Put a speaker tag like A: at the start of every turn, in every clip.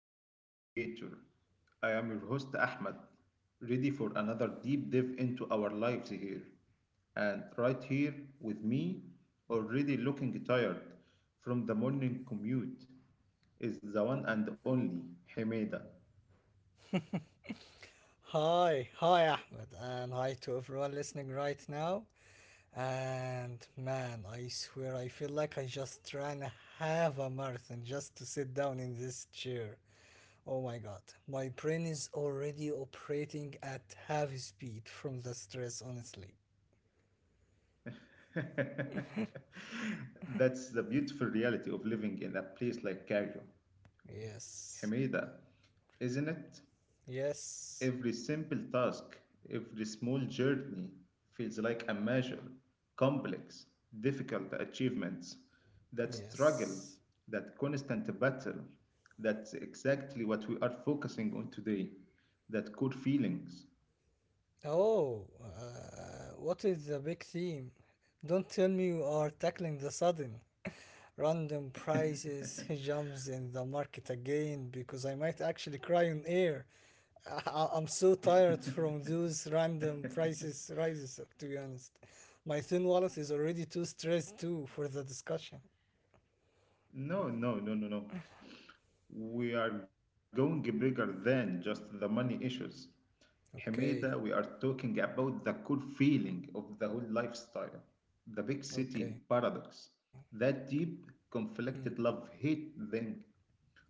A: to the Nine Navigator. I am your host Ahmed, ready for another deep dive into our lives here. And right here with me, already looking tired from the morning commute, is the one and only Hemeda.
B: Hi, hi Ahmed, and hi to everyone listening right now. And man, I swear I feel like I just ran a half a marathon just to sit down in this chair. Oh my god, my brain is already operating at half speed from the stress, honestly.
A: That's the beautiful reality of living in a place like Cairo. Hemeda,
B: Yes,
A: isn't it? Every simple
B: yes,
A: task, every small journey feels like a measure, complex, difficult achievements. That struggle, that
B: yes.
A: constant battle, that's exactly what we are focusing on today. That core feelings.
B: Oh, what is the big theme? Don't tell me you are tackling the sudden. Random prices jumps in the market again because I might actually cry on air. I'm so tired from those random prices rises to be honest. My thin wallet is already too stressed too for the discussion.
A: No, no, no, no, no. We are going bigger than just the money issues. Hamida, we are
B: Okay,
A: talking about the core feeling of the whole lifestyle, the big city
B: okay.
A: paradox, that deep,
B: Hmm.
A: conflicted love hate thing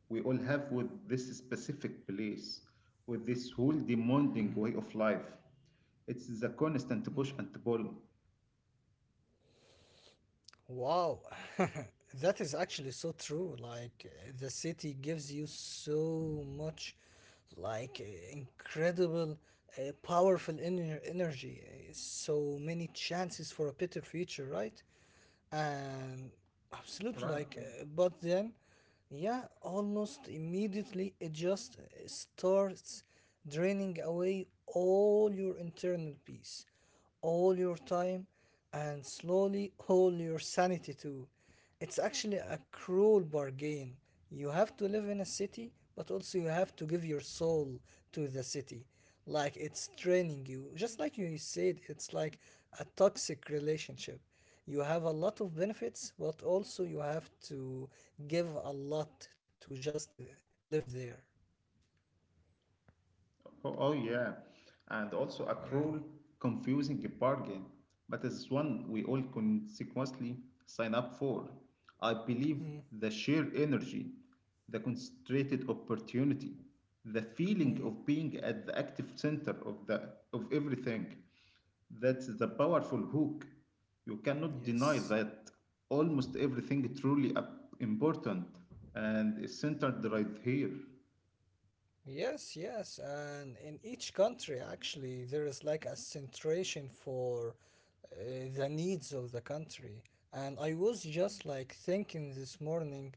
A: we all have with this specific place, with this whole demanding way of life. It's the constant push and pull.
B: Wow, that is actually so true. The city gives you so much, incredible, powerful inner energy. So many chances for a better future, right? And absolutely
A: Right.
B: but then yeah almost immediately it just starts draining away all your internal peace, all your time, and slowly all your sanity too. It's actually a cruel bargain. You have to live in a city, but also you have to give your soul to the city. Like it's draining you, just like you said. It's like a toxic relationship. You have a lot of benefits, but also you have to give a lot to just live there.
A: Oh, oh, yeah, and also a cruel,
B: Yeah.
A: confusing bargain, but it's one we all consequently sign up for. I believe
B: Mm,
A: the sheer energy, the concentrated opportunity, the feeling
B: mm.
A: of being at the active center of everything. That's the powerful hook. You cannot deny
B: Yes.
A: that almost everything truly important and is centered right here.
B: Yes, yes, and in each country, actually, there is like a centration for uh, the needs of the country. And I was just like thinking this morning,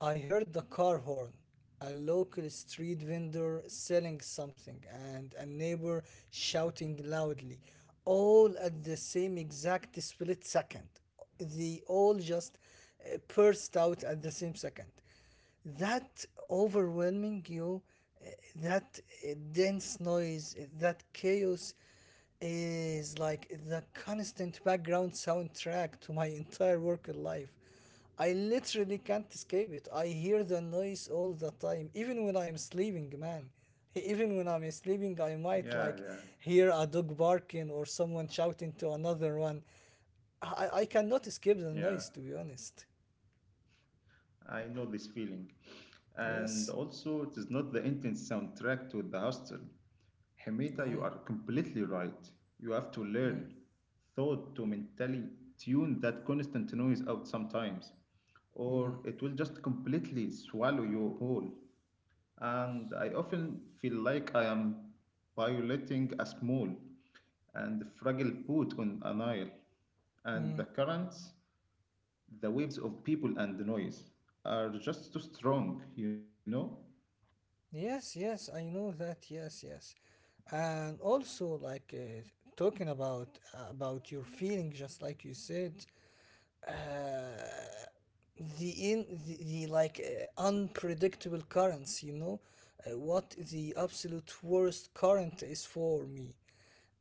B: I heard the car horn, a local street vendor selling something, and a neighbor shouting loudly, all at the same exact split second. They all just burst out at the same second, that overwhelming you, uh, that dense noise, that chaos is like the constant background soundtrack to my entire work life. I literally can't escape it. I hear the noise all the time, even when I am sleeping, man. Even when I'm sleeping, I
A: Yeah,
B: might
A: yeah,
B: like hear a dog barking or someone shouting to another one. I cannot escape
A: yeah.
B: the noise, to be honest.
A: I know this feeling. And
B: Yes.
A: also, it is not the intense soundtrack to the hostel. Hamida, you
B: Um,
A: are completely right. You have to
B: mm,
A: learn, thought to mentally tune that constant noise out sometimes,
B: mm.
A: or it will just completely swallow you whole. And I often feel like I am violating a small and fragile boat on an isle, and
B: Mm,
A: the waves of people and the noise are just too strong, you know?
B: yes, yes, I know that. Yes, yes, and also talking about your feeling, just like you said, uh, the in the, the like unpredictable currents. You know, what the absolute worst current is for me.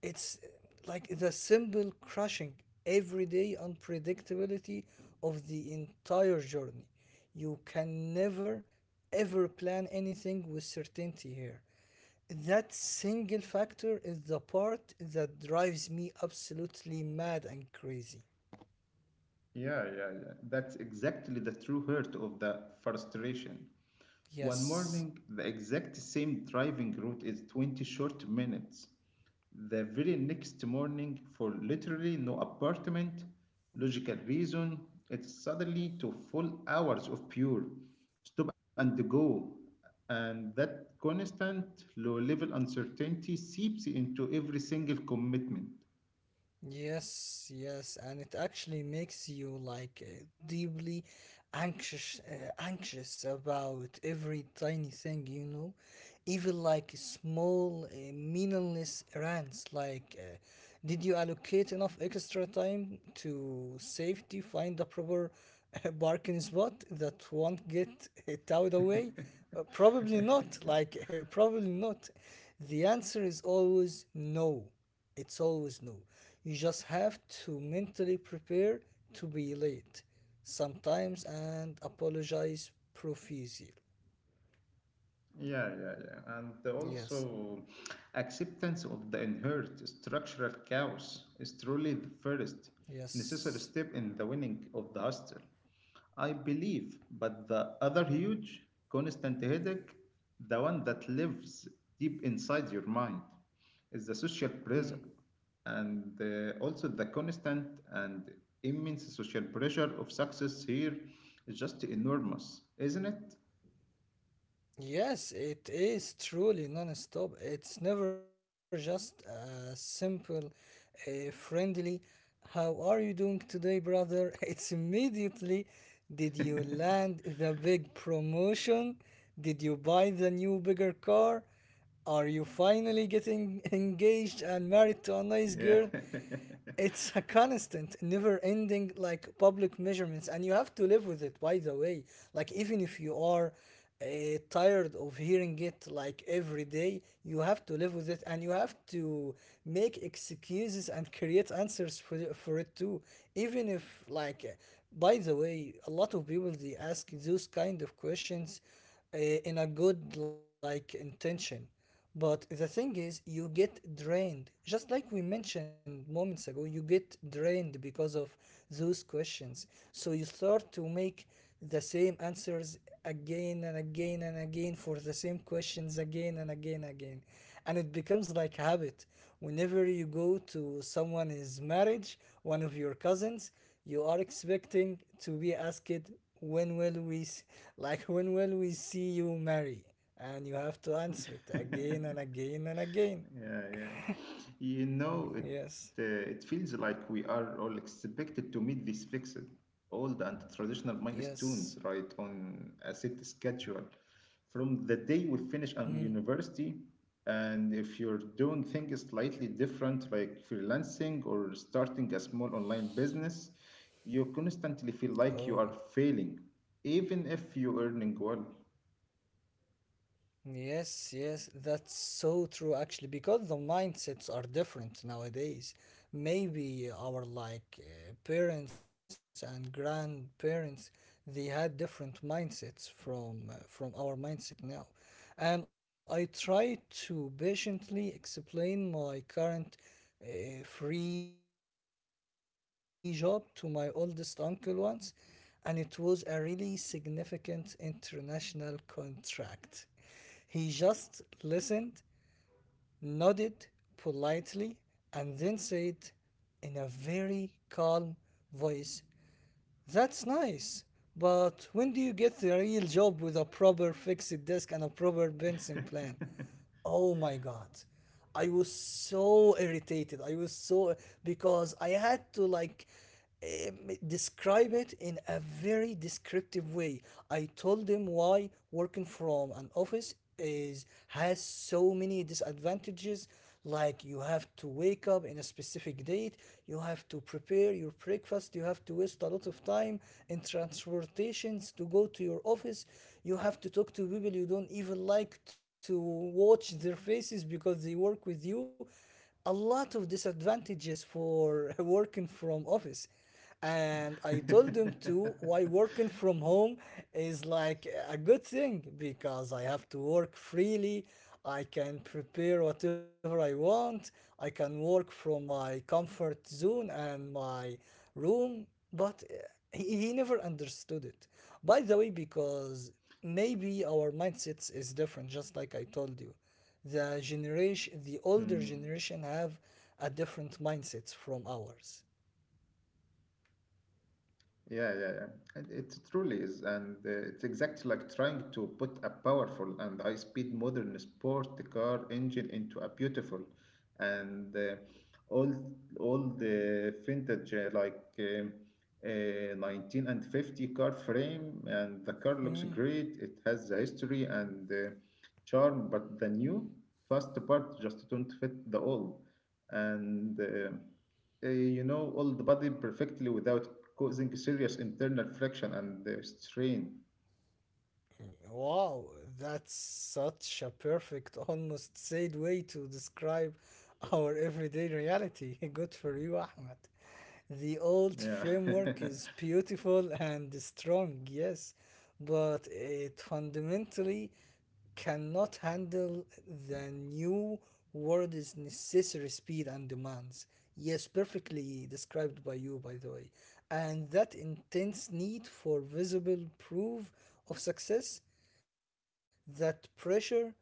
B: It's like the simple crushing everyday unpredictability of the entire journey. You can never ever plan anything with certainty here. That single factor is the part that drives me absolutely mad and crazy.
A: Yeah, yeah, yeah. That's exactly the true hurt of the frustration. One
B: Yes.
A: morning, the exact same driving route is 20 short minutes. The very next morning, for literally no apartment, logical reason, it's suddenly to full hours of pure stop and go. And that constant low level uncertainty seeps into every single commitment.
B: Yes, yes, and it actually makes you deeply anxious, anxious about every tiny thing, you know, even like small, meaningless errands. Did you allocate enough extra time to safety, find a proper parking spot that won't get towed away? Probably not. Like, probably not. The answer is always no. It's always new. You just have to mentally prepare to be late sometimes and apologize profusely.
A: Yeah, yeah, yeah. And
B: Yes,
A: also, acceptance of the inherent structural chaos is truly the first
B: yes.
A: necessary step in the winning of the hostel. I believe, but the other huge, constant headache, the one that lives deep inside your mind, is the social
B: Mm.
A: pressure and also the constant and immense social pressure of success here is just enormous, isn't it?
B: Yes, it is truly non-stop. It's never just a simple, a friendly, how are you doing today, brother? It's immediately, did you land the big promotion? Did you buy the new bigger car? Are you finally getting engaged and married to a nice girl?
A: Yeah.
B: It's a constant, never ending like public measurements, and you have to live with it, by the way. Like, even if you are uh, tired of hearing it like every day, you have to live with it and you have to make excuses and create answers for, for it too. Even if, like, by the way, a lot of people they ask those kind of questions in a good, like, intention, but the thing is, you get drained. Just like we mentioned moments ago, you get drained because of those questions. So you start to make the same answers again and again and again for the same questions again and again and again. And it becomes like habit. Whenever you go to someone's marriage, one of your cousins, you are expecting to be asked when will we s- like when will we see you marry, and you have to answer it again and again and again.
A: Yeah, yeah. You know, it
B: Yes,
A: it feels like we are all expected to meet these fixed, old and traditional milestones
B: yes.
A: right on a set schedule. From the day we finish
B: Mm.
A: on university, and if you're doing things slightly different, like freelancing or starting a small online business, you constantly feel
B: Oh,
A: like you are failing, even if you're earning well.
B: yes, yes, that's so true actually, because the mindsets are different nowadays. Maybe our parents and grandparents, they had different mindsets from our mindset now. And I try to patiently explain my current free job to my oldest uncle once, and it was a really significant international contract. He just listened, nodded politely, and then said in a very calm voice, that's nice. But when do you get a real job with a proper fixed desk and a proper pension plan? Oh my god. I was so irritated. I was so because I had to like describe it in a very descriptive way. I told him why working from an office is has so many disadvantages, like you have to wake up in a specific date, you have to prepare your breakfast, you have to waste a lot of time in transportations to go to your office, you have to talk to people you don't even like to watch their faces because they work with you. A lot of disadvantages for working from office. And I told them too why working from home is like a good thing, because I have to work freely, I can prepare whatever I want, I can work from my comfort zone and my room. But he never understood it, by the way, because maybe our mindsets is different, just like I told you. The older
A: Mm.
B: generation have a different mindsets from ours.
A: Yeah, yeah, yeah. And it truly is, and it's exactly like trying to put a powerful and high-speed modern sport car engine into a beautiful and all all the vintage like 19 and 50 car frame, and the car looks
B: Mm.
A: great. It has a history and charm, but the new fast part just don't fit the old, and all the body perfectly without causing serious internal friction and strain.
B: Wow, that's such a perfect, almost sad way to describe our everyday reality. Good for you, Ahmed. The old
A: Yeah,
B: framework is beautiful and strong, yes, but it fundamentally cannot handle the new world's necessary speed and demands. Yes, perfectly described by you, by the way. And that intense need for visible proof of success, that pressure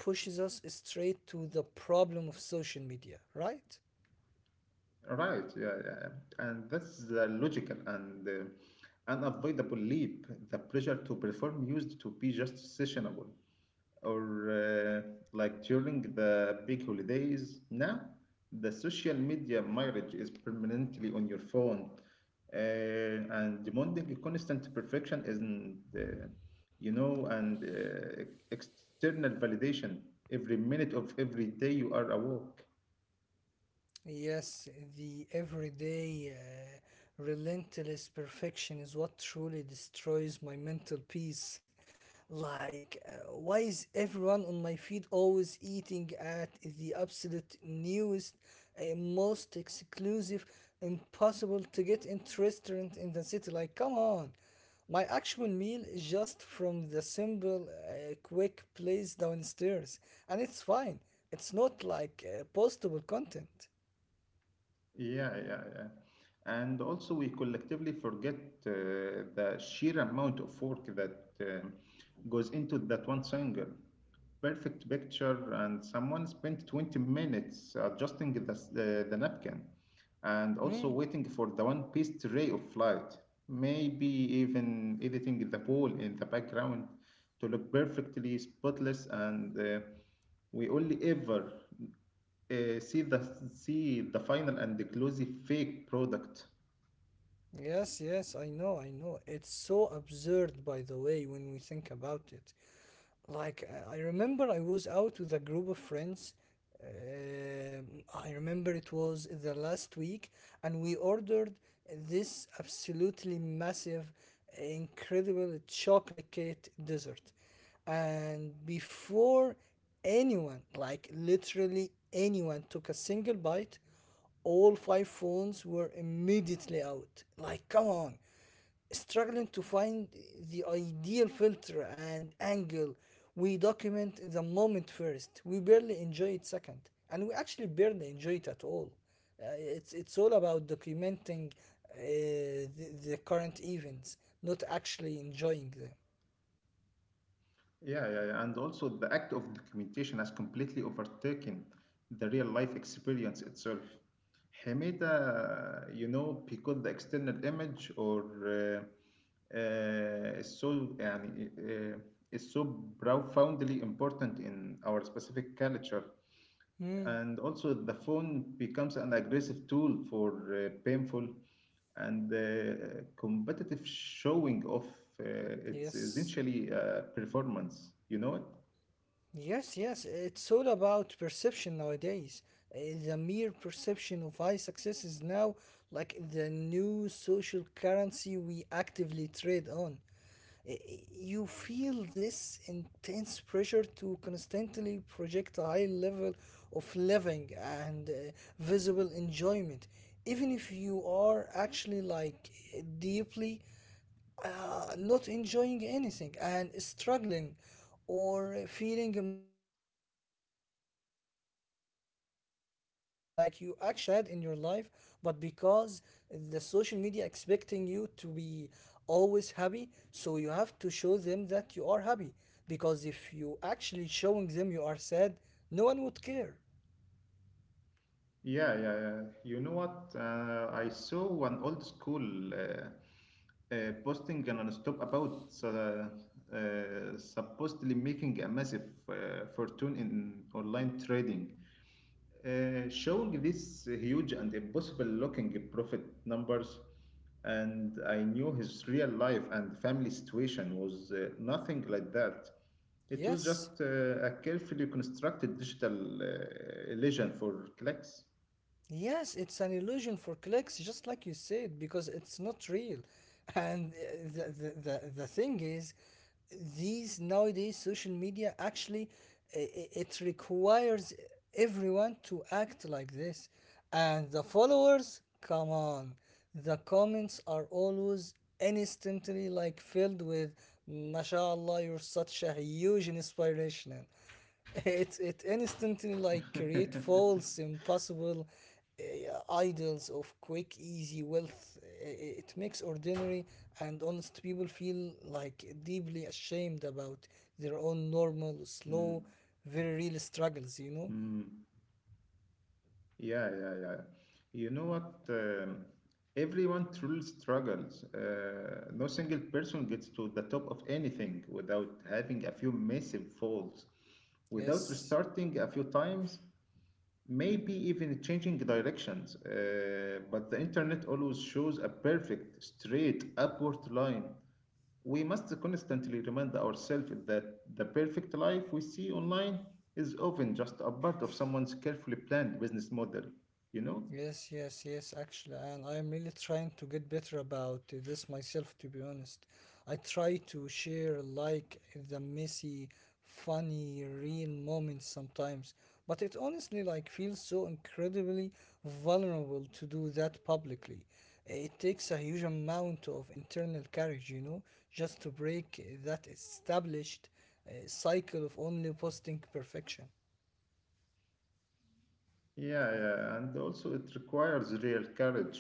B: pushes us straight to the problem of social media, right?
A: right. Yeah, yeah, yeah. And that's the logical and unavoidable leap. The pressure to perform used to be just sessionable or like during the big holidays. Now, the social media marriage is permanently on your phone, and demanding constant perfection isn't, and external validation every minute of every day you are awake.
B: Yes, the everyday relentless perfection is what truly destroys my mental peace. Like, why is everyone on my feed always eating at the absolute newest, most exclusive, impossible to get into restaurant in the city? Like, come on. My actual meal is just from the simple, quick place downstairs, and it's fine. It's not like postable content.
A: Yeah, yeah, yeah. And also, we collectively forget uh, the sheer amount of work that goes into that one single perfect picture, and someone spent 20 minutes adjusting the napkin and also
B: Hmm.
A: waiting for the one piece ray of light. Maybe even editing the pool in the background to look perfectly spotless, and we only ever uh, see the see the final and the closely fake product.
B: Yes, yes, I know, I know. It's so absurd, by the way, when we think about it. I remember I was out with a group of friends. Um I remember it was the last week, and we ordered this absolutely massive, incredible chocolate cake dessert. And before anyone, like literally anyone, took a single bite, all five phones were immediately out. Like, come on, struggling to find the ideal filter and angle. We document the moment first. We barely enjoy it second, and we actually barely enjoy it at all. It's all about documenting the current events, not actually enjoying them.
A: Yeah, yeah, yeah. And also the act of documentation has completely overtaken the real life experience itself. Hamida, because the external image or is so profoundly important in our specific culture.
B: Mm,
A: And also the phone becomes an aggressive tool for painful and competitive showing of uh, its
B: yes.
A: essentially performance. You know it?
B: Yes, yes. It's all about perception nowadays. Uh, The mere perception of high success is now like the new social currency we actively trade on. uh, you feel this intense pressure to constantly project a high level of living and visible enjoyment, even if you are actually like deeply not enjoying anything and struggling or feeling miserably internally away from the camera, like you actually are sad in your life. But because the social media expecting you to be always happy, so you have to show them that you are happy, because if you actually showing them you are sad, no one would care.
A: Yeah, yeah, yeah. You know what? I saw one old school posting and stop about supposedly making a massive fortune in online trading. Showing these huge and impossible looking profit numbers, and I knew his real life and family situation was nothing like that. It was
B: Yes.
A: just a carefully constructed digital illusion for clicks.
B: Yes, it's an illusion for clicks, just like you said, because it's not real. And the thing is, these nowadays social media actually it requires everyone to act like this. And the followers, come on. The comments are always instantly like filled with mashallah you're such a huge inspiration. It it instantly like create false impossible idols of quick easy wealth. It makes ordinary and honest people feel like deeply ashamed about their own normal slow
A: Mm,
B: very real struggles, you know?
A: mm. Yeah, yeah, yeah. You know what? Everyone truly struggles. No single person gets to the top of anything without having a few massive falls, without
B: Yes.
A: restarting a few times, maybe even changing directions. But the internet always shows a perfect, straight upward line. We must constantly remind ourselves that the perfect life we see online is often just a part of someone's carefully planned business model, you know?
B: Yes, yes, yes, actually, and I'm really trying to get better about this myself, to be honest. I try to share like the messy, funny, real moments sometimes, but it honestly like feels so incredibly vulnerable to do that publicly. It takes a huge amount of internal courage, you know, just to break that established cycle of only posting perfection.
A: Yeah, yeah, and also it requires real courage.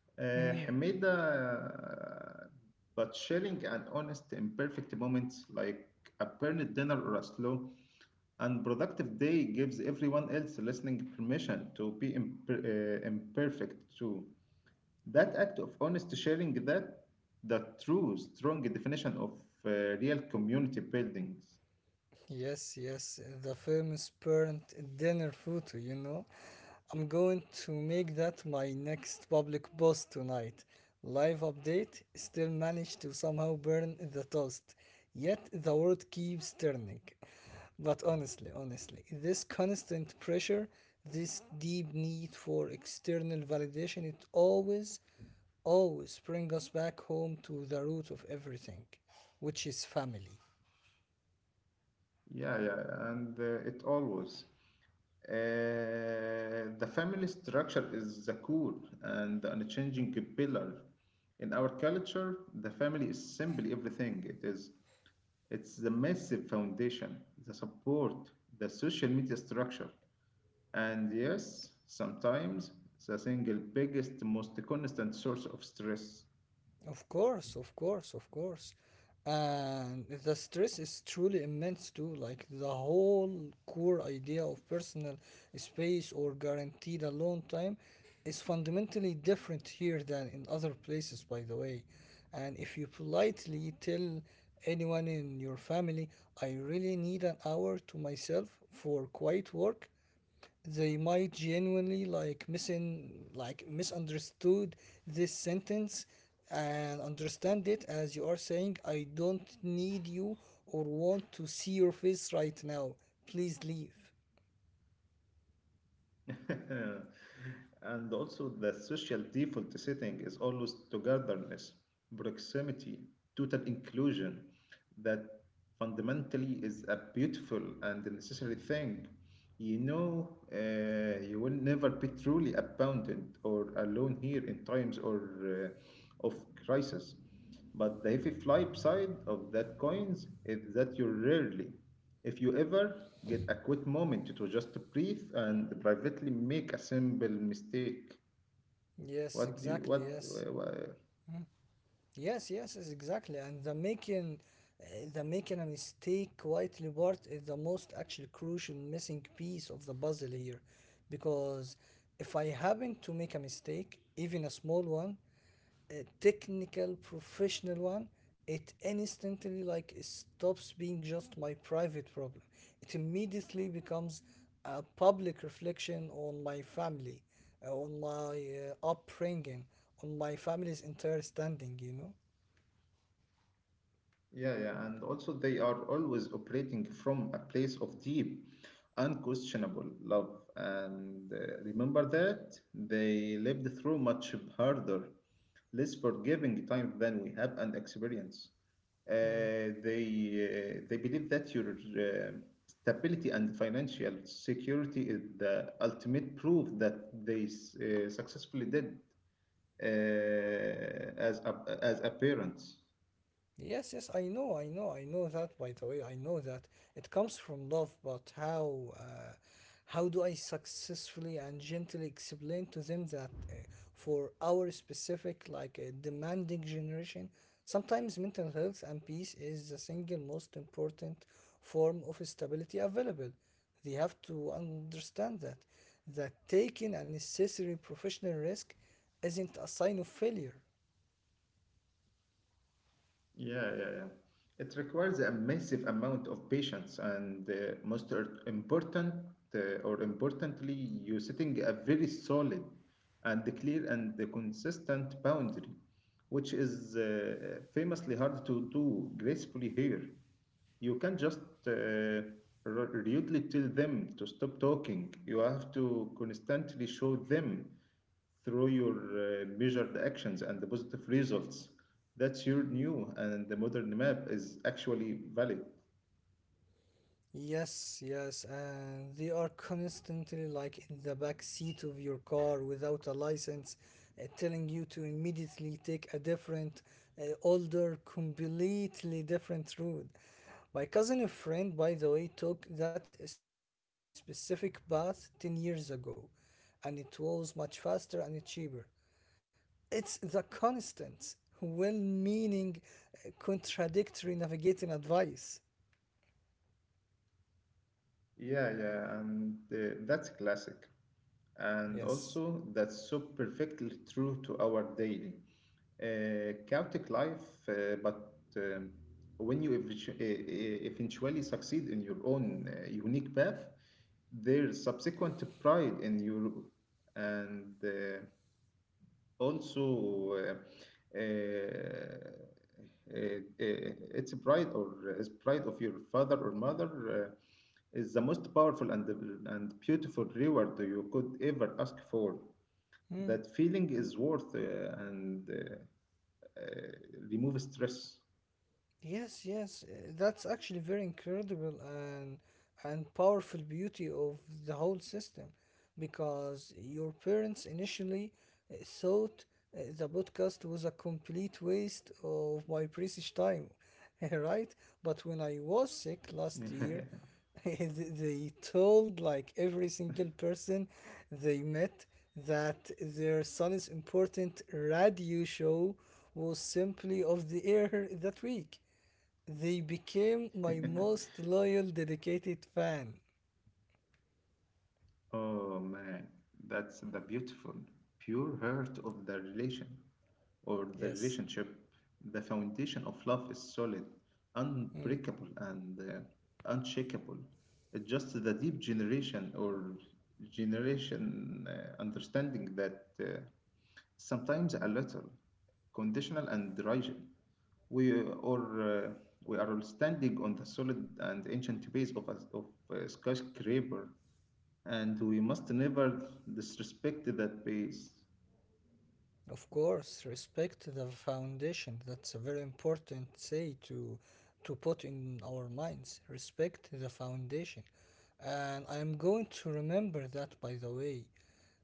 A: Uh,
B: Hmm.
A: Hamida, but sharing an honest, imperfect moment like a burned dinner or a slow and productive day gives everyone else listening permission to be imperfect too. That act of honest sharing that the true strong definition of real community buildings.
B: Yes, yes, the famous parent dinner photo, you know. I'm going to make that my next public post tonight. Live update still managed to somehow burn the toast, yet the world keeps turning. But honestly, this constant pressure, this deep need for external validation, it always, always brings us back home to the root of everything, which is family.
A: Yeah, yeah, and it always. The family structure is the core and the unchanging pillar. In our culture, the family is simply everything. It is. It's the massive foundation, the support, the social media structure, and yes, sometimes the single biggest, most constant source of stress.
B: Of course, of course, of course. And the stress is truly immense too. Like, the whole core idea of personal space or guaranteed alone time is fundamentally different here than in other places, by the way. And if you politely tell anyone in your family, "I really need an hour to myself for quiet work," they might genuinely like misin like misunderstood this sentence and understand it as you are saying, "I don't need you or want to see your face right now, please leave."
A: And also, the social default setting is always togetherness, proximity, total inclusion. That fundamentally is a beautiful and necessary thing. You know, you will never be truly abandoned or alone here in times or of crisis. But the heavy flip side of that coins is that you rarely if you ever get a quick moment to just breathe and privately make a simple mistake,
B: Yes,
A: what do you,
B: exactly,
A: what,
B: yes.
A: wha-
B: Yes, yes, yes, exactly. And uh, the making a mistake quietly part is the most actually crucial missing piece of the puzzle here, because if I happen to make a mistake, even a small one, a technical professional one, it instantly like stops being just my private problem. It immediately becomes a public reflection on my family, on my upbringing, on my family's entire standing, you know.
A: Yeah, yeah, and also they are always operating from a place of deep, unquestionable love. And remember that they lived through much harder, less forgiving time than we have and experience.
B: Mm.
A: They believe that your uh, stability and financial security is the ultimate proof that successfully did as a parent.
B: Yes, yes, I know, I know, I know that. By the way, I know that it comes from love, but how do I successfully and gently explain to them that, for our specific, like, demanding generation, sometimes mental health and peace is the single most important form of stability available. They have to understand that that taking a necessary professional risk isn't a sign of failure.
A: Yeah, yeah, yeah. It requires a massive amount of patience, and most uh, importantly, you setting a very solid and clear and consistent boundary, which is famously hard to do gracefully here. You can't just uh, rudely tell them to stop talking. You have to constantly show them through your measured actions and the positive results that your new and the modern map is actually valid.
B: Yes, yes, and they are constantly like in the back seat of your car without a license, telling you to immediately take a different, older, completely different route. My cousin, a friend, by the way, took that specific path 10 years ago, and it was much faster and cheaper. It's the constant, well meaning, contradictory navigating advice.
A: Yeah, yeah, and that's classic. And
B: Yes.
A: also, that's so perfectly true to our daily, chaotic life. But um, when you eventually succeed in your own unique path, there's subsequent pride in you, and also uh, it's a pride or his pride of your father or mother. Is the most powerful and, beautiful reward you could ever ask for.
B: Hmm?
A: That feeling is worth and uh, remove stress.
B: Yes, yes, that's actually very incredible and powerful beauty of the whole system, because your parents initially thought the podcast was a complete waste of my precious time, right? But when I was sick last year, they told like every single person they met that their son's important radio show was simply off the air that week. They became my most loyal, dedicated fan.
A: Oh man, that's the beautiful, pure heart of the relation or the
B: Yes.
A: relationship. The foundation of love is solid,
B: Mm.
A: unbreakable, and unshakable. It's just the deep generation understanding that sometimes a little conditional and rigid. We are uh, we are all standing on the solid and ancient base of a skyscraper, and we must never disrespect that base.
B: Of course, respect the foundation. That's a very important say to put in our minds. Respect the foundation. And I'm going to remember that, by the way.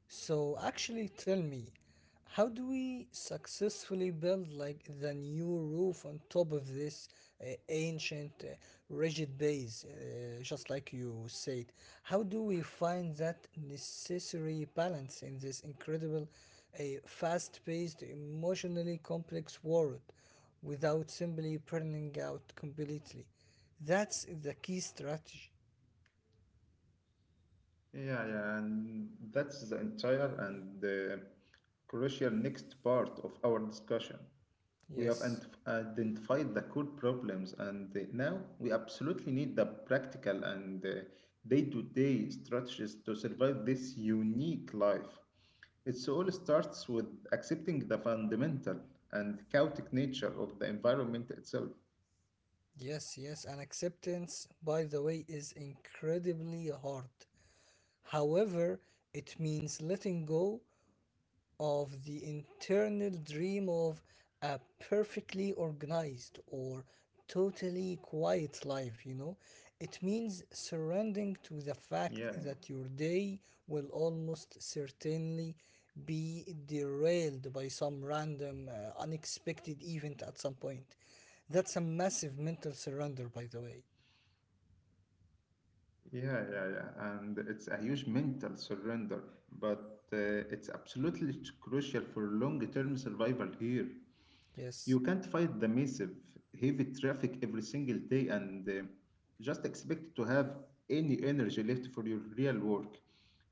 B: So actually tell me, how do we successfully build like the new roof on top of this ancient rigid base, just like you said? How do we find that necessary balance in this incredible, fast-paced, emotionally complex world without simply burning out completely? That's the key strategy.
A: Yeah, yeah, and that's the entire and the crucial next part of our discussion. We have
B: Yes.
A: identified the core problems, and now we absolutely need the practical and day to day strategies to survive this unique life. It all starts with accepting the fundamental and chaotic nature of the environment itself.
B: Yes, yes, and acceptance, by the way, is incredibly hard. However, it means letting go of the internal dream of a perfectly organized or totally quiet life, you know. It means surrendering to the fact
A: Yeah.
B: that your day will almost certainly be derailed by some random, unexpected event at some point. That's a massive mental surrender, by the way.
A: Yeah, yeah, yeah. And it's a huge mental surrender, but it's absolutely crucial for long-term survival here. You can't
B: Yes,
A: fight the massive, heavy traffic every single day and just expect to have any energy left for your real work.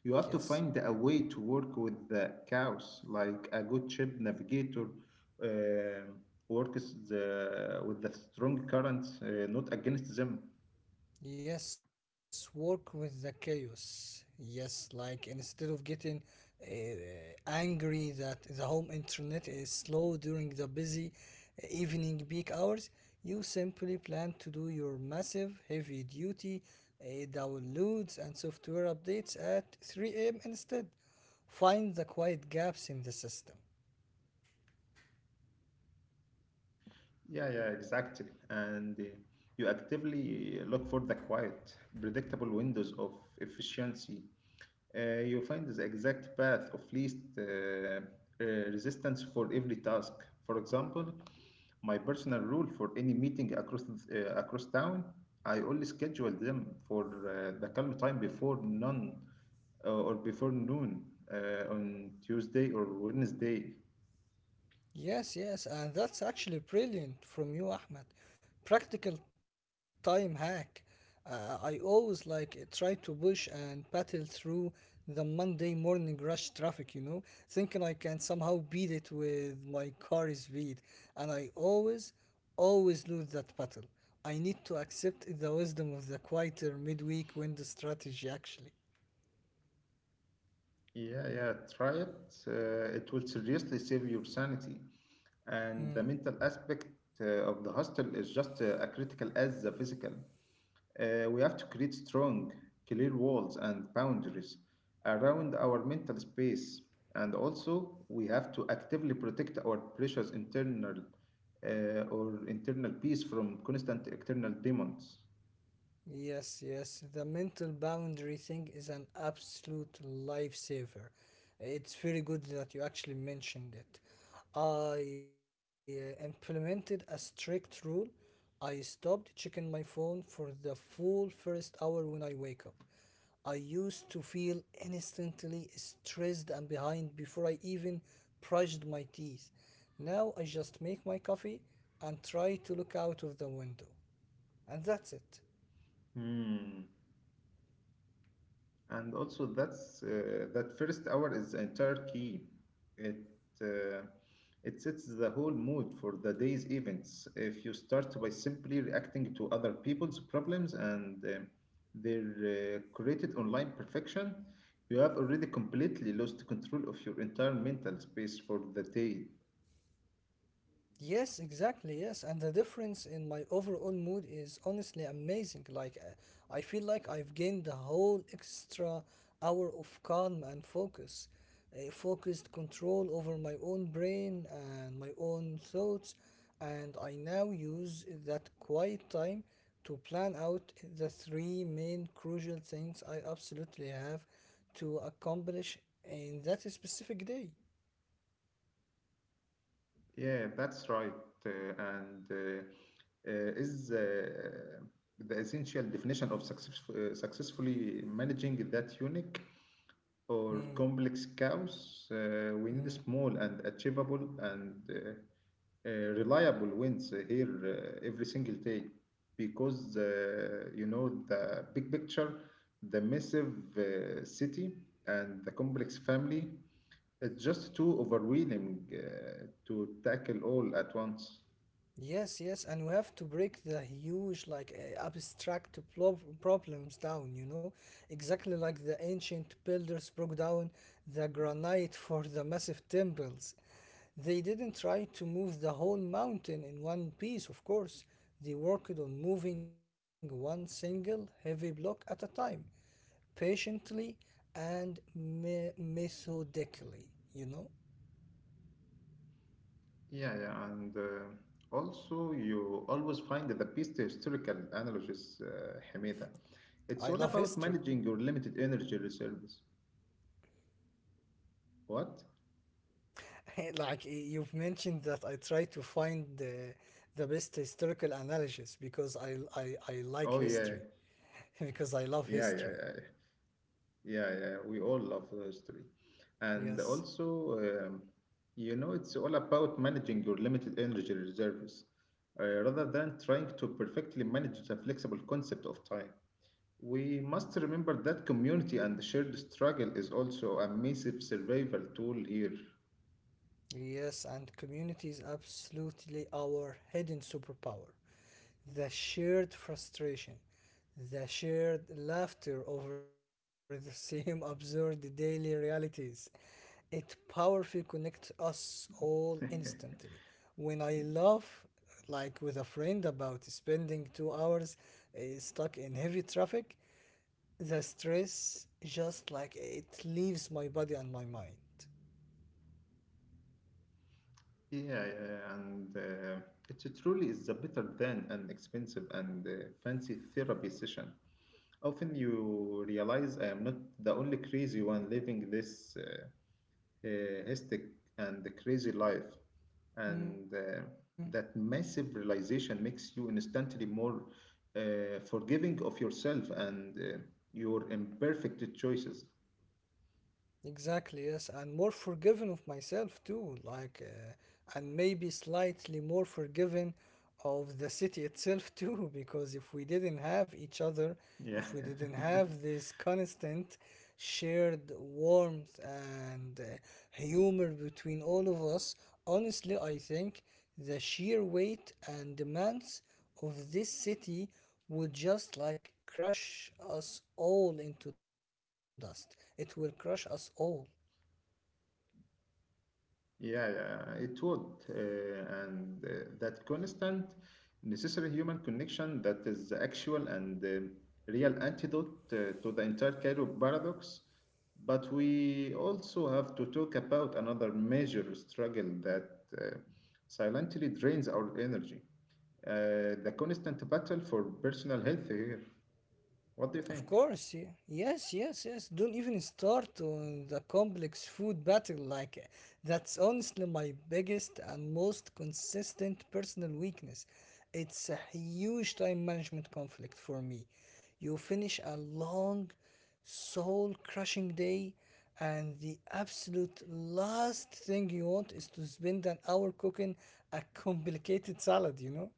A: You have to
B: yes.
A: find a way to work with the cows, like a good ship navigator, uh, works with the strong currents, not against them.
B: Yes, work with the chaos. Yes, like instead of getting uh, angry that the home internet is slow during the busy evening peak hours, you simply plan to do your massive, heavy duty downloads and software updates at 3 a.m. instead. Find the quiet gaps in the system.
A: Yeah, yeah, exactly. And you actively look for the quiet, predictable windows of efficiency. You find the exact path of least resistance for every task. For example, my personal rule for any meeting across town, I always schedule them for the calm time before none or before noon on Tuesday or Wednesday.
B: Yes, yes, and that's actually brilliant from you, Ahmed. Practical time hack. I always like try to push and battle through the Monday morning rush traffic, you know, thinking I can somehow beat it with my car speed. And I always, always lose that battle. I need to accept the wisdom of the quieter midweek window strategy, actually.
A: Yeah, yeah, try it. It will seriously save your sanity. And the
B: Hmm.
A: mental aspect of the hostel is just as critical as the physical. We have to create strong, clear walls and boundaries around our mental space. And also, we have to actively protect our precious internal peace from constant external demons.
B: Yes, yes. The mental boundary thing is an absolute lifesaver. It's very good that you actually mentioned it. I implemented a strict rule. I stopped checking my phone for the full first hour when I wake up. I used to feel instantly stressed and behind before I even brushed my teeth. Now I just make my coffee and try to look out of the window. And that's it.
A: Hmm. And also, that first hour is the entire key. It uh, it sets the whole mood for the day's events. If you start by simply reacting to other people's problems and their created online perfection, you have already completely lost control of your entire mental space for the day.
B: Yes, exactly. Yes, and the difference in my overall mood is honestly amazing. Like, I feel like I've gained the whole extra hour of calm and focus, a focused control over my own brain and my own thoughts, and I now use that quiet time to plan out the three main crucial things I absolutely have to accomplish in that specific day.
A: Yeah, that's right. Uh, and is The essential definition of success, successfully managing that unique or
B: Mm,
A: complex cows, we need
B: mm.
A: small and achievable and reliable wins here every single day because you know, the big picture, the massive city, and the complex family. It's just too overwhelming to tackle all at once.
B: Yes, yes, and we have to break the huge, like abstract problems down, you know, exactly like the ancient builders broke down the granite for the massive temples. They didn't try to move the whole mountain in one piece, of course. They worked on moving one single heavy block at a time, patiently and methodically, you know.
A: Yeah, yeah, and also you always find the best historical analogies, Hamida. It's
B: I
A: all
B: love
A: about
B: history.
A: managing your limited energy reserves. What?
B: Like you've mentioned that I try to find the best historical analysis because I like
A: Oh
B: history,
A: yeah,
B: because I love history.
A: yeah, yeah, yeah, yeah, yeah. We all love the history, and
B: Yes,
A: also, you know, it's all about managing your limited energy reserves, rather than trying to perfectly manage the flexible concept of time. We must remember that community and the shared struggle is also a massive survival tool here.
B: yes, and community is absolutely our hidden superpower. The shared frustration, the shared laughter over the same absurd daily realities. It powerfully connects us all instantly.
A: Yeah,
B: When I laugh, like with a friend about spending 2 hours stuck in heavy traffic, the stress just like it leaves my body and my mind.
A: yeah, and it truly is a better than an expensive and fancy therapy session. Often you realize I am not the only crazy one living this. Hectic and the Crazy Life. And that massive realization makes you instantly more forgiving of yourself and your imperfect choices.
B: Exactly, yes, and more forgiving of myself too, like, and maybe slightly more forgiving of the city itself too, because if we didn't have each other, if we
A: Yeah.
B: didn't have this constant shared warmth and humor between all of us, honestly, I think the sheer weight and demands of this city would just like crush us all into dust. It will crush us all.
A: Yeah, yeah, it would. And That constant, necessary human connection that is the actual and real antidote to the entire Cairo paradox. But we also have to talk about another major struggle that uh, silently drains our energy, the constant battle for personal health here. What
B: Of
A: do you think?
B: course, yeah. Yes, yes, yes. Don't even start on the complex food battle. Like, that's honestly my biggest and most consistent personal weakness. It's a huge time management conflict for me. You finish a long, soul crushing day, and the absolute last thing you want is to spend an hour cooking a complicated salad, you know?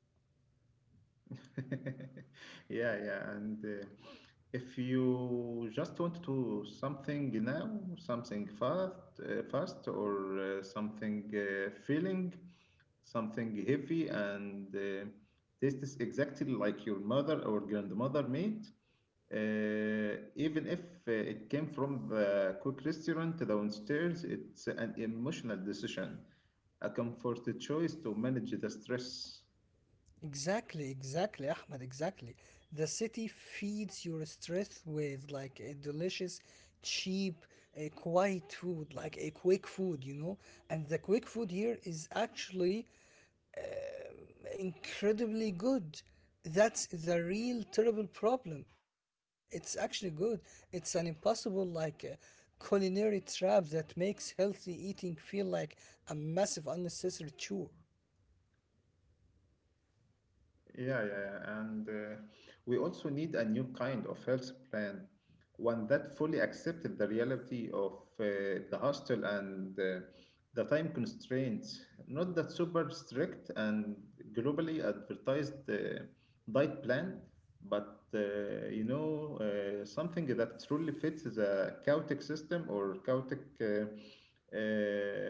A: Yeah, yeah, and if you just want to something now, something fast, fast, or something filling, something heavy, and tastes exactly like your mother or grandmother made, even if it came from the quick restaurant downstairs, it's an emotional decision, a comfort choice to manage the stress.
B: Exactly, exactly, Ahmed, exactly. The city feeds your stress with like a delicious, cheap, a quiet food, like a quick food, you know? And the quick food here is actually incredibly good. That's the real terrible problem. It's actually good. It's an impossible like culinary trap that makes healthy eating feel like a massive unnecessary chore.
A: Yeah, yeah, yeah. And we also need a new kind of health plan, one that fully accepted the reality of the hostel and the time constraints, not that super strict and globally advertised diet plan, but something that truly fits the chaotic system or chaotic uh,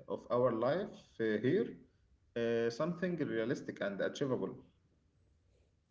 A: of our life here, something realistic and achievable.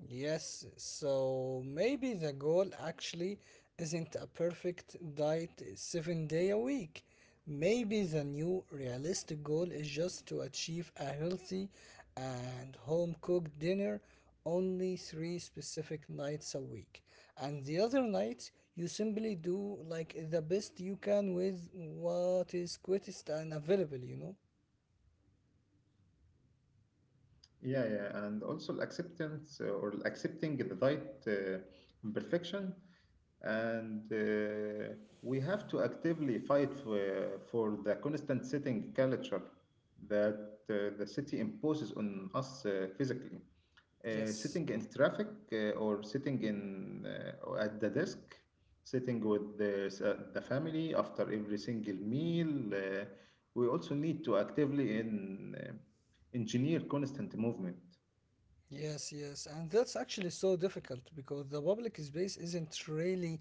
B: Yes, so maybe the goal actually isn't a perfect diet 7 day a week. Maybe the new realistic goal is just to achieve a healthy and home cooked dinner only three specific nights a week. And the other nights, you simply do like the best you can with what is quickest and available, you know?
A: Yeah, yeah, and also the acceptance , or accepting the right imperfection, and we have to actively fight for the constant sitting culture that the city imposes on us physically. Uh,
B: Yes.
A: sitting in traffic or at the desk, sitting with the family after every single meal. We also need to actively engineer constant movement.
B: Yes, yes, and that's actually so difficult because the public space isn't really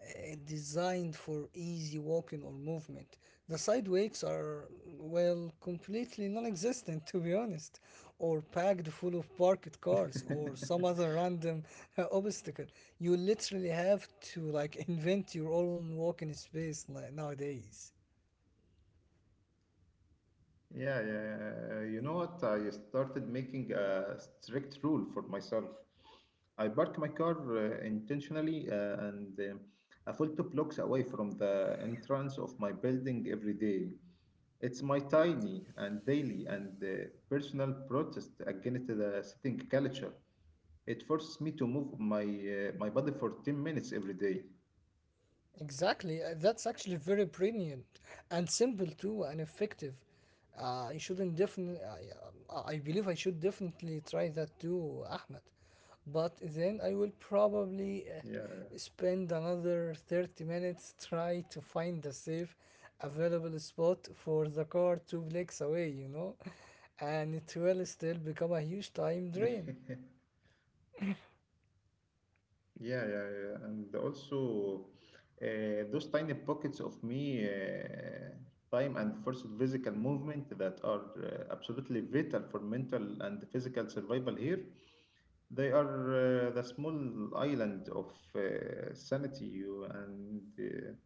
B: designed for easy walking or movement. The sidewalks are, well, completely non existent, to be honest, or packed full of parked cars or some other random obstacle. You literally have to like invent your own walking space, like, nowadays.
A: Yeah, yeah, you know what? I started making a strict rule for myself. I park my car intentionally and a full two blocks away from the entrance of my building every day. It's my tiny and daily and personal protest against the sitting culture. It forces me to move my body for 10 minutes every day.
B: Exactly. That's actually very brilliant and simple too and effective. I shouldn't definitely, I, yeah, I believe I should definitely try that too, Ahmed. But then I will probably
A: Yeah.
B: spend another 30 minutes try to find a safe, available spot for the car two blocks away, you know, and it will still become a huge time drain.
A: Yeah, yeah, yeah, yeah. And also, those tiny pockets of time and forced physical movement that are absolutely vital for mental and physical survival here, they are the small island of sanity you and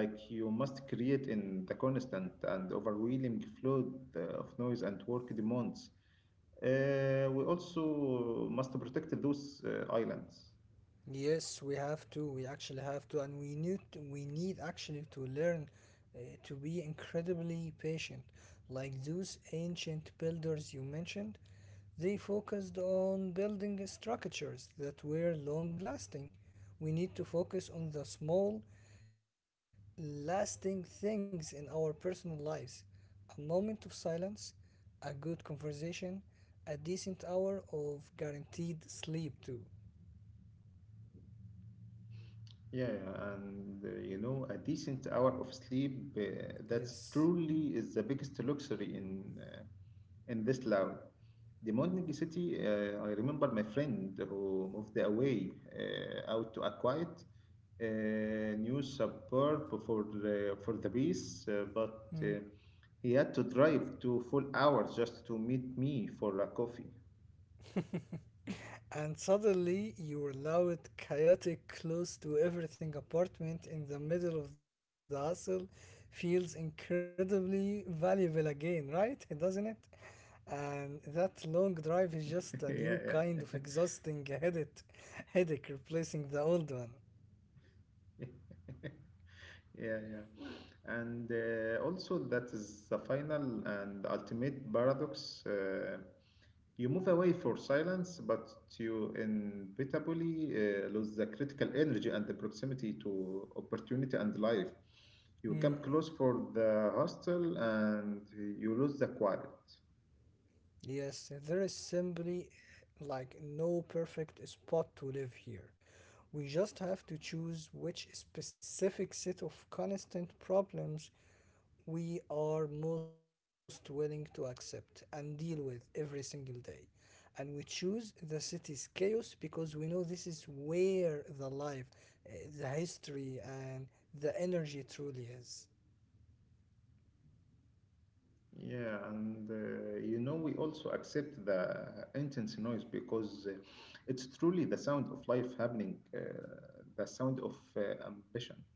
A: like you must create in the constant and overwhelming flood of noise and work demands. We also must protect those islands.
B: Yes, we have to. We actually have to, and we need actually to learn to be incredibly patient. Like those ancient builders you mentioned, they focused on building structures that were long lasting. We need to focus on the small, lasting things in our personal lives. A moment of silence, a good conversation, a decent hour of guaranteed sleep too.
A: Yeah, yeah, and a decent hour of sleep that's
B: Yes.
A: truly is the biggest luxury in this loud. The modern city, I remember my friend who moved away out to a quiet new suburb for the peace, but he had to drive two full hours just to meet me for a coffee.
B: And suddenly your are loud, chaotic, close to everything apartment in the middle of the hustle feels incredibly valuable again, right? Doesn't it? And that long drive is just
A: Yeah,
B: a new kind of exhausting headache, headache replacing the old one.
A: yeah. Yeah, yeah. And also, that is the final and ultimate paradox. You move away for silence, but you inevitably lose the critical energy and the proximity to opportunity and life. You come
B: Mm.
A: close for the hostel and you lose the quiet.
B: Yes, there is simply like no perfect spot to live here. We just have to choose which specific set of constant problems we are most willing to accept and deal with every single day. And we choose the city's chaos because we know this is where the life, the history, and the energy truly is.
A: Yeah, and we also accept the intense noise because it's truly the sound of life happening, the sound of ambition,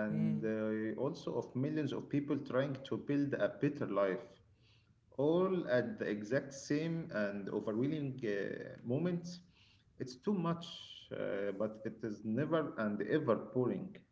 A: and
B: Mm.
A: also of millions of people trying to build a better life, all at the exact same and overwhelming moment. It's too much, but it is never and ever boring.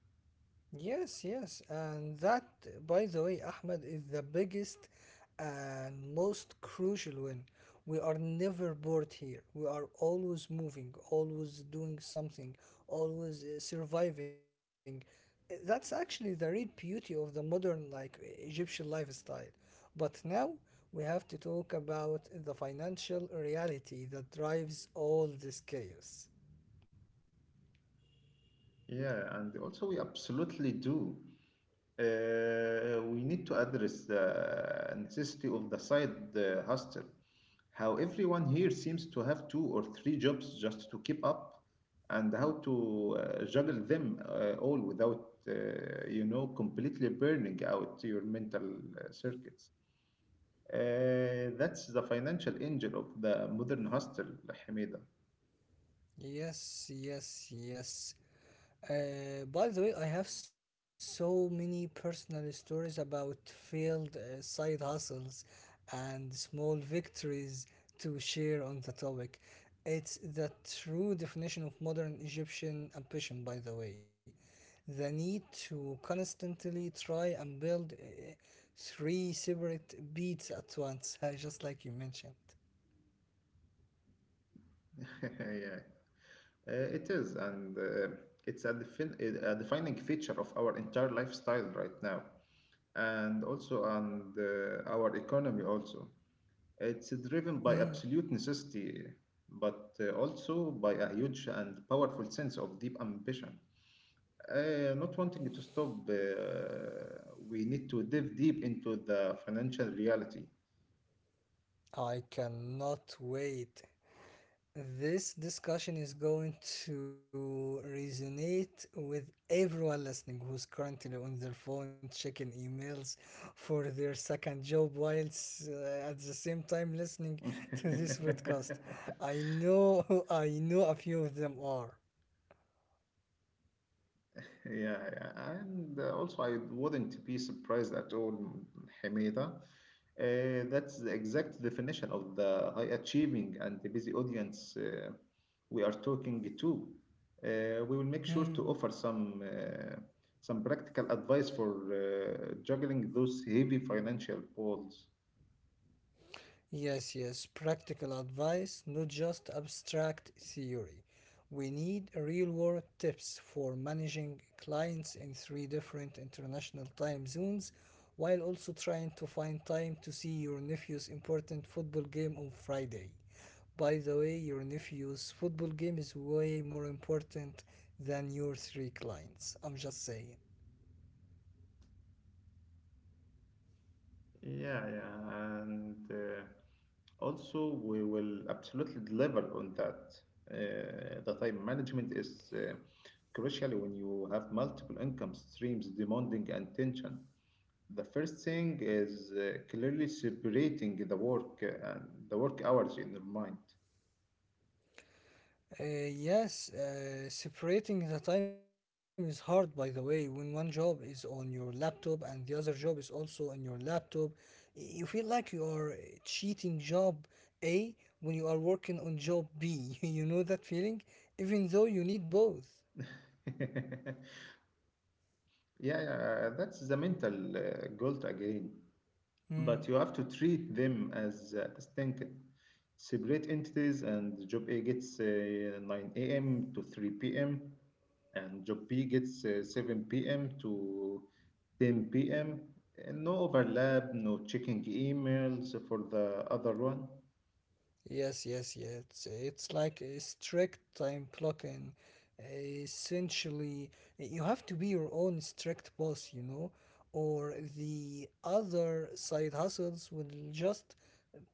B: Yes, yes, and that, by the way, Ahmed, is the biggest and most crucial win. We are never bored here. We are always moving, always doing something, always surviving. That's actually the real beauty of the modern, like Egyptian lifestyle. But now we have to talk about the financial reality that drives all this chaos.
A: Yeah, and also we absolutely do. We need to address the necessity of the side hustle. How everyone here seems to have two or three jobs just to keep up, and how to juggle them all without, completely burning out your mental circuits. That's the financial engine of the modern hostel, Hamida.
B: Yes, yes, yes. By the way, I have so many personal stories about failed side hustles and small victories to share on the topic. It's the true definition of modern Egyptian ambition, by the way. The need to constantly try and build three separate beats at once, just like you mentioned.
A: Yeah, it is, and it's a defining feature of our entire lifestyle right now, and also on our economy also. It's driven by absolute
B: Mm,
A: necessity, but also by a huge and powerful sense of deep ambition. Not wanting to stop, we need to dive deep into the financial reality.
B: I cannot wait. This discussion is going to resonate with everyone listening who's currently on their phone checking emails for their second job whilst at the same time listening to this podcast. I know I know a few of them are.
A: Yeah, yeah, and also I wouldn't be surprised at all, Hamida. That's the exact definition of the high achieving and the busy audience we are talking to. We will make sure to
B: Hmm.
A: offer some practical advice for juggling those heavy financial balls.
B: Yes, yes, practical advice, not just abstract theory. We need real world tips for managing clients in three different international time zones while also trying to find time to see your nephew's important football game on Friday. By the way, your nephew's football game is way more important than your three clients. I'm just saying.
A: Yeah, yeah, and also we will absolutely deliver on that. The time management is crucial when you have multiple income streams demanding attention. The first thing is clearly separating the work and the work hours in your mind.
B: Yes, separating the time is hard, by the way. When one job is on your laptop and the other job is also on your laptop, you feel like you are cheating job A when you are working on job B. You know that feeling? Even though you need both.
A: Yeah, yeah, that's the mental guilt again.
B: Mm.
A: But you have to treat them as distinct, separate entities, and job A gets 9 a.m. to 3 p.m., and job B gets 7 p.m. to 10 p.m. No overlap, no checking emails for the other one.
B: Yes, yes, yes. It's like a strict time blocking. Essentially, you have to be your own strict boss, you know, or the other side hustles will just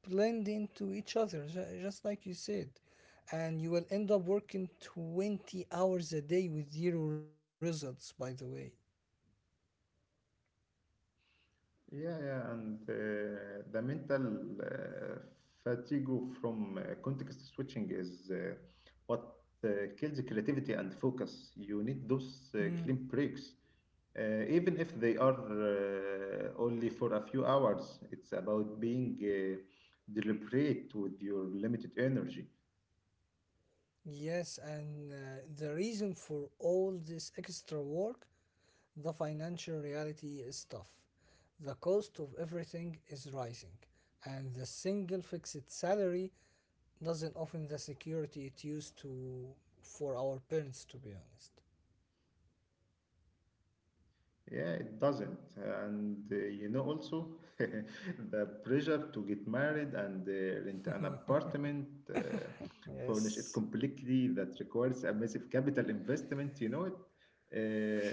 B: blend into each other, just like you said. And you will end up working 20 hours a day with zero results, by the way.
A: Yeah, yeah, and the mental fatigue from context switching is what kills creativity and focus. You need those
B: Mm.
A: clean breaks, even if they are only for a few hours. It's about being deliberate with your limited energy.
B: Yes, and the reason for all this extra work, the financial reality is tough. The cost of everything is rising, and the single fixed salary doesn't offer the security it used to for our parents, to be honest.
A: Yeah, it doesn't. And also the pressure to get married and rent an apartment, furnish it
B: Yes,
A: completely, that requires a massive capital investment. You know it.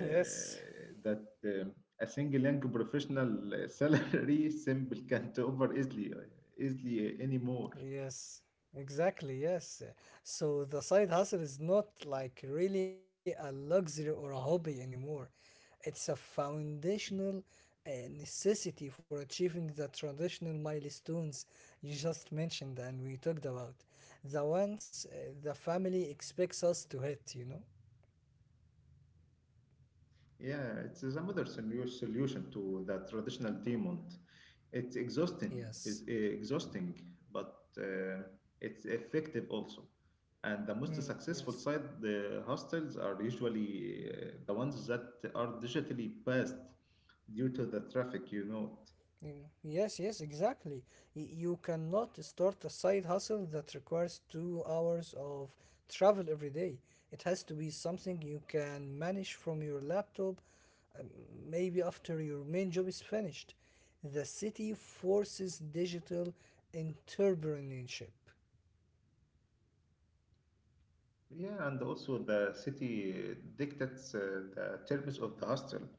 B: yes.
A: That a single young professional salary simple can't over easily, easily anymore.
B: Yes, exactly. Yes. So the side hustle is not like really a luxury or a hobby anymore. It's a foundational necessity for achieving the traditional milestones you just mentioned and we talked about. The ones the family expects us to hit, you know?
A: Yeah, it is another solution to the traditional demand. It's exhausting,
B: Yes.
A: it's exhausting, but it's effective also. And the most
B: Mm,
A: successful
B: yes.
A: side, the hostels are usually the ones that are digitally passed due to the traffic, you know.
B: You know, yes, yes, exactly. You cannot start a side hustle that requires 2 hours of travel every day. It has to be something you can manage from your laptop, um, maybe after your main job is finished. The city forces digital entrepreneurship.
A: Yeah, and also the city dictates the terms of the hostel.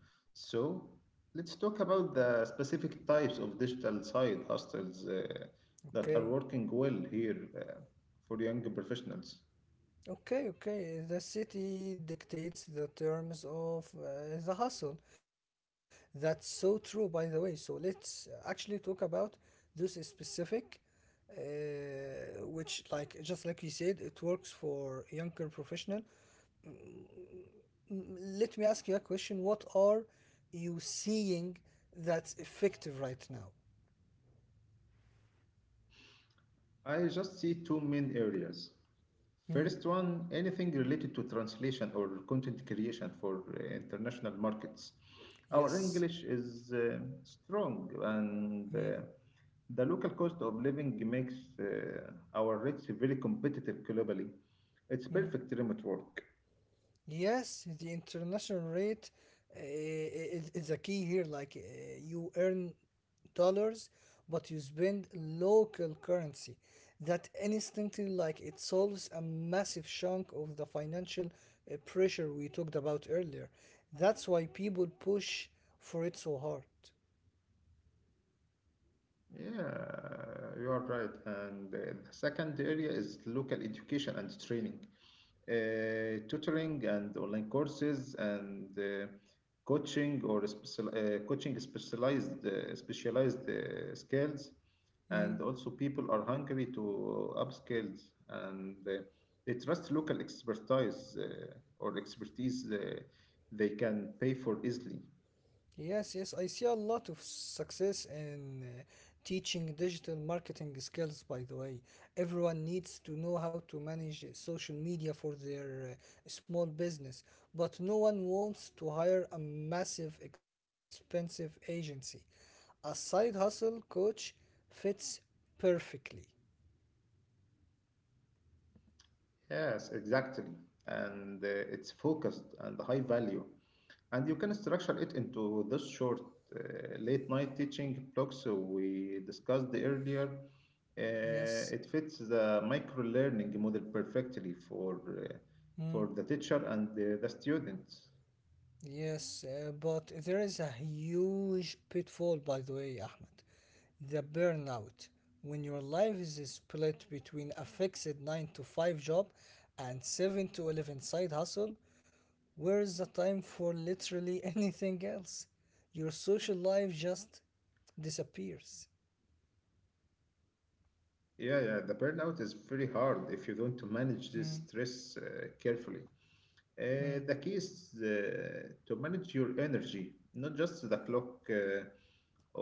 A: So let's talk about the specific types of digital side hostels that are
B: Okay.
A: working well here for young professionals.
B: Okay, okay. The city dictates the terms of the hustle. That's so true, by the way. So let's actually talk about this specific, uh, which, like, just like you said, it works for younger professional. Mm, let me ask you a question. What are you seeing that's effective right now?
A: I just see two main areas. First
B: Mm,
A: one, anything related to translation or content creation for international markets. Our
B: yes.
A: English is strong, and
B: Mm,
A: the local cost of living makes our rates very competitive globally. It's perfect
B: mm.
A: remote work.
B: Yes, the international rate is a key here. Like you earn dollars, but you spend local currency. That instantly, like it solves a massive chunk of the financial pressure we talked about earlier. That's why people push for it so hard.
A: Yeah, you are right. And the second area is local education and training, tutoring and online courses and coaching specialized skills, and also people are hungry to upskill and they trust local expertise, or expertise they can pay for easily.
B: Yes, yes, I see a lot of success in teaching digital marketing skills, by the way. Everyone needs to know how to manage social media for their small business, but no one wants to hire a massive, expensive agency. A side hustle coach fits perfectly.
A: Yes, exactly, and it's focused and high value. And you can structure it into this short late night teaching blocks we discussed earlier.
B: Yes.
A: It fits the micro learning model perfectly
B: Mm,
A: for the teacher and the students.
B: yes, but there is a huge pitfall, by the way, Ahmed. The burnout. When your life is split between a fixed 9 to 5 job and 7 to 11 side hustle, where is the time for literally anything else? Your social life just disappears.
A: Yeah, yeah, the burnout is very hard if you don't manage this
B: Mm,
A: stress carefully. Uh,
B: mm.
A: the key is to manage your energy, not just the clock,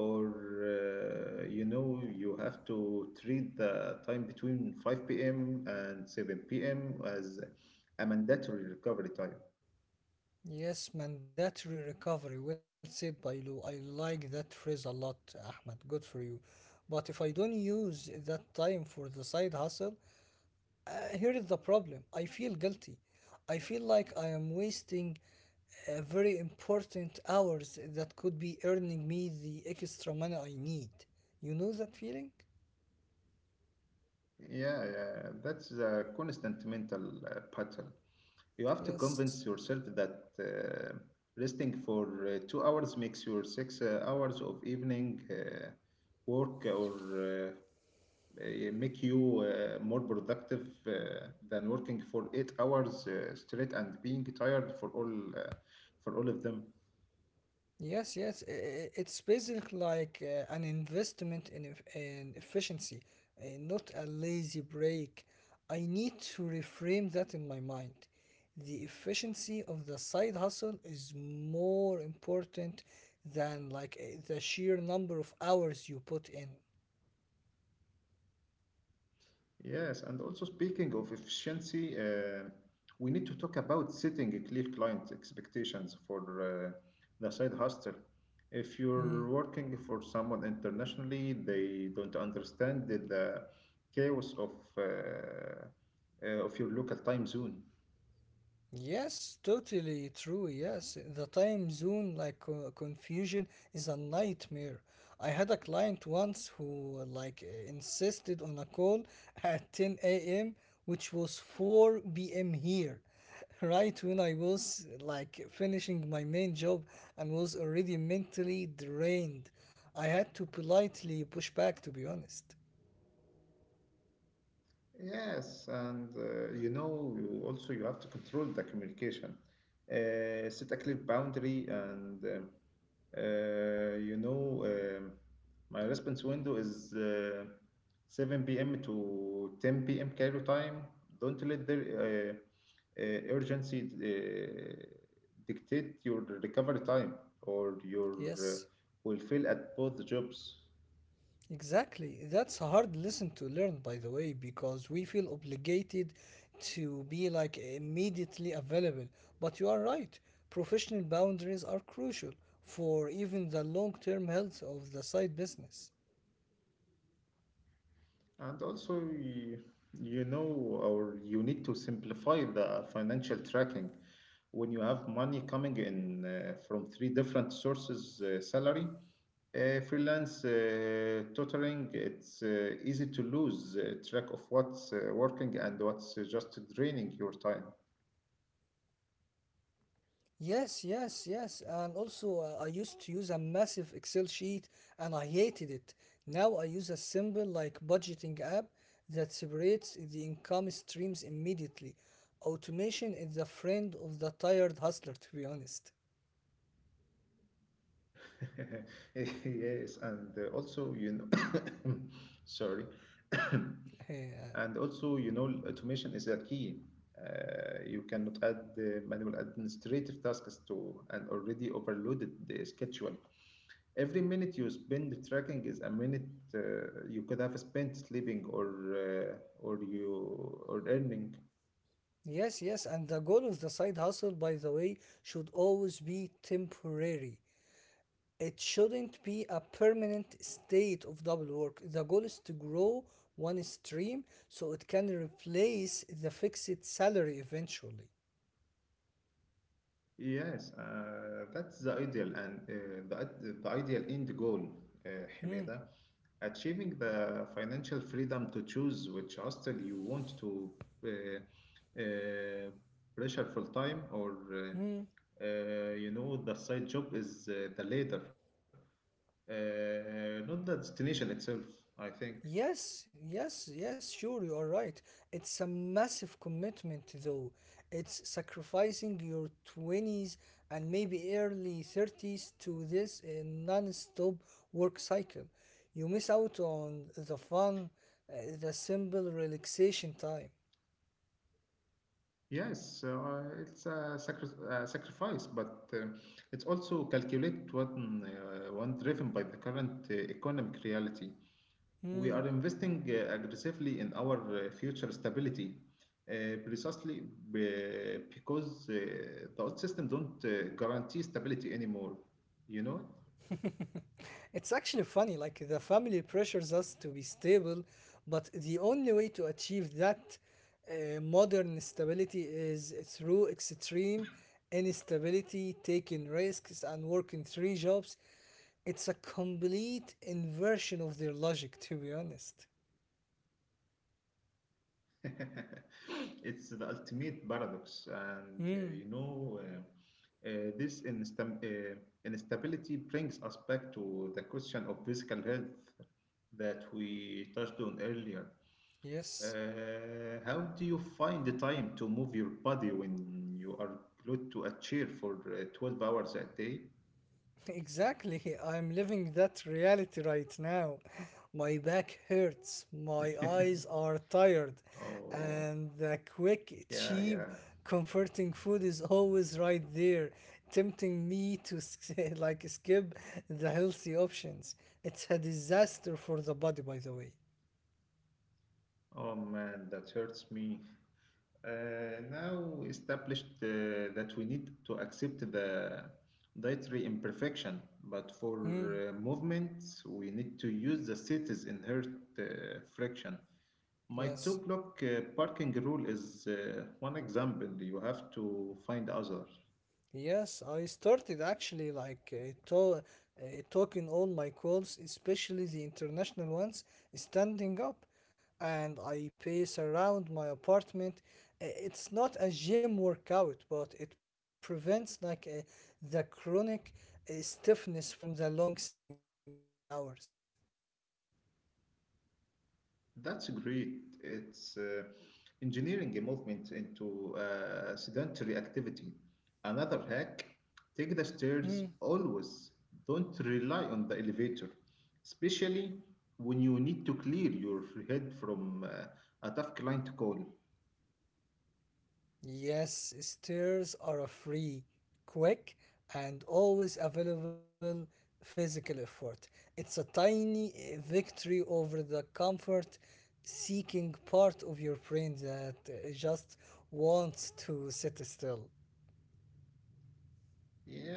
A: or you have to treat the time between 5 p.m. and 7 p.m. as a mandatory recovery time.
B: Yes, mandatory recovery. Well said by Lou. I like that phrase a lot, Ahmed. Good for you. But if I don't use that time for the side hustle, Uh, here is the problem. I feel guilty. I feel like I am wasting very important hours that could be earning me the extra money I need. You know that feeling?
A: Yeah, yeah, that's a constant mental pattern. You have to
B: Yes.
A: convince yourself that resting for 2 hours makes your six hours of evening work or make you more productive than working for 8 hours straight and being tired uh, for all of them.
B: Yes, yes. It's basically like an investment in, in efficiency, not a lazy break. I need to reframe that in my mind. The efficiency of the side hustle is more important than like the sheer number of hours you put in.
A: Yes, and also, speaking of efficiency, we need to talk about setting a clear client expectations for the side hustle. If
B: Mm.
A: you're working for someone internationally, they don't understand the chaos uh, of your local time zone.
B: Yes, totally true. Yes, the time zone like confusion is a nightmare. I had a client once who insisted on a call at 10 a.m., which was 4 p.m. here, right when I was like finishing my main job and was already mentally drained. I had to politely push back, to be honest.
A: Yes, and you know, you also you have to control the communication. Set a clear boundary, and you know, my response window is 7 p.m. to 10 p.m. Cairo time. Don't let the urgency dictate your recovery time, or you
B: Yes.
A: will fail at both jobs.
B: Exactly. That's a hard lesson to learn, by the way, because we feel obligated to be like immediately available. But you are right. Professional boundaries are crucial for even the long term health of the side business.
A: And also, you know, or you need to simplify the financial tracking. When you have money coming in from three different sources, salary, freelance tutoring, it's easy to lose track of what's working and what's just draining your time.
B: Yes, yes, yes. And also, I used to use a massive Excel sheet and I hated it. Now I use a simple, like, budgeting app that separates the income streams immediately. Automation is the friend of the tired hustler, to be honest.
A: Yes, and also, you know, sorry.
B: Yeah.
A: And also, you know, automation is a key. You cannot add manual administrative tasks to an already overloaded schedule. Every minute you spend tracking is a minute you could have spent sleeping or earning.
B: Yes, yes, and the goal of the side hustle, by the way, should always be temporary. It shouldn't be a permanent state of double work. The goal is to grow one stream so it can replace the fixed salary eventually.
A: Yes, that's the ideal, and the ideal end goal, uh,
B: Mm,
A: Hamida. Achieving the financial freedom to choose which hostel you want to uh, uh, pressure full time, or
B: mm.
A: you know, the side job is the later, not the destination itself, I think.
B: Yes, yes, yes, sure, you are right. It's a massive commitment, though. It's sacrificing your 20s and maybe early 30s to this non stop work cycle. You miss out on the fun, the simple relaxation time.
A: Yes, so, it's a sacrifice, but it's also calculated one, one driven by the current economic reality. We
B: Hmm.
A: are investing aggressively in our future stability, precisely because the old system don't guarantee stability anymore, you know?
B: It's actually funny, like the family pressures us to be stable, but the only way to achieve that modern stability is through extreme instability, taking risks, and working three jobs. It's a complete inversion of their logic, to be honest.
A: It's the ultimate paradox, and
B: Hmm.
A: instability brings us back to the question of physical health that we touched on earlier.
B: Yes,
A: How do you find the time to move your body when you are glued to a chair for 12 hours a day?
B: exactly. I'm living that reality right now. My back hurts, my eyes are tired,
A: Oh,
B: and the quick,
A: yeah,
B: cheap,
A: yeah.
B: comforting food is always right there, tempting me to like skip the healthy options. It's a disaster for the body, by the way.
A: Oh man, that hurts me. Now established that we need to accept the dietary imperfection, but for
B: Mm,
A: movements, we need to use the city's inherent friction. My two
B: yes.
A: block parking rule is one example. You have to find others.
B: Yes, I started actually like uh, talking all my calls, especially the international ones, standing up. And I pace around my apartment. It's not a gym workout, but it prevents like the chronic stiffness from the long sitting hours.
A: That's great. It's engineering a movement into sedentary activity. Another hack,
B: Hmm.
A: take the stairs always. Don't rely on the elevator, especially when you need to clear your head from a tough client call.
B: Yes, stairs are a free, quick, and always available physical effort. It's a tiny victory over the comfort seeking part of your brain that just wants to sit still.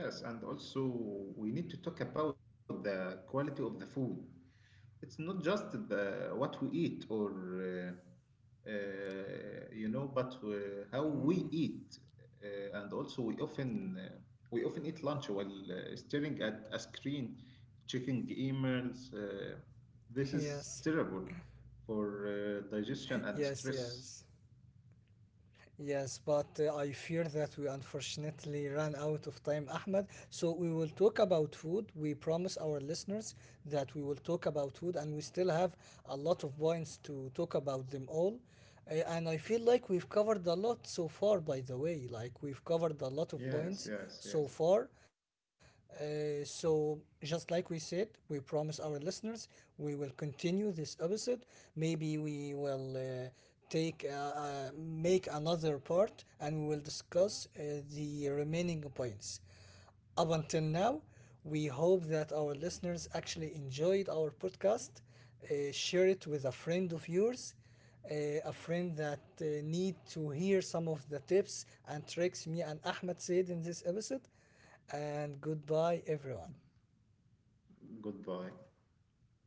A: Yes, and also we need to talk about the quality of the food. It's not just the what we eat, or you know, but how we eat, and also we often eat lunch while staring at a screen, checking emails. This is
B: Yes,
A: terrible for digestion and
B: yes,
A: stress.
B: yes. Yes, but I fear that we unfortunately ran out of time, Ahmed. So we will talk about food. We promise our listeners that we will talk about food, and we still have a lot of points to talk about them all. And I feel like we've covered a lot so far, by the way. Like, we've covered a lot of points
A: Yes,
B: so
A: yes,
B: far.
A: yes.
B: So, just like we said, we promise our listeners we will continue this episode. Maybe we will take make another part and we will discuss the remaining points. Up until now, we hope that our listeners actually enjoyed our podcast. Share it with a friend of yours, uh, a friend that need to hear some of the tips and tricks me and Ahmed said in this episode. And goodbye, everyone.
A: Goodbye.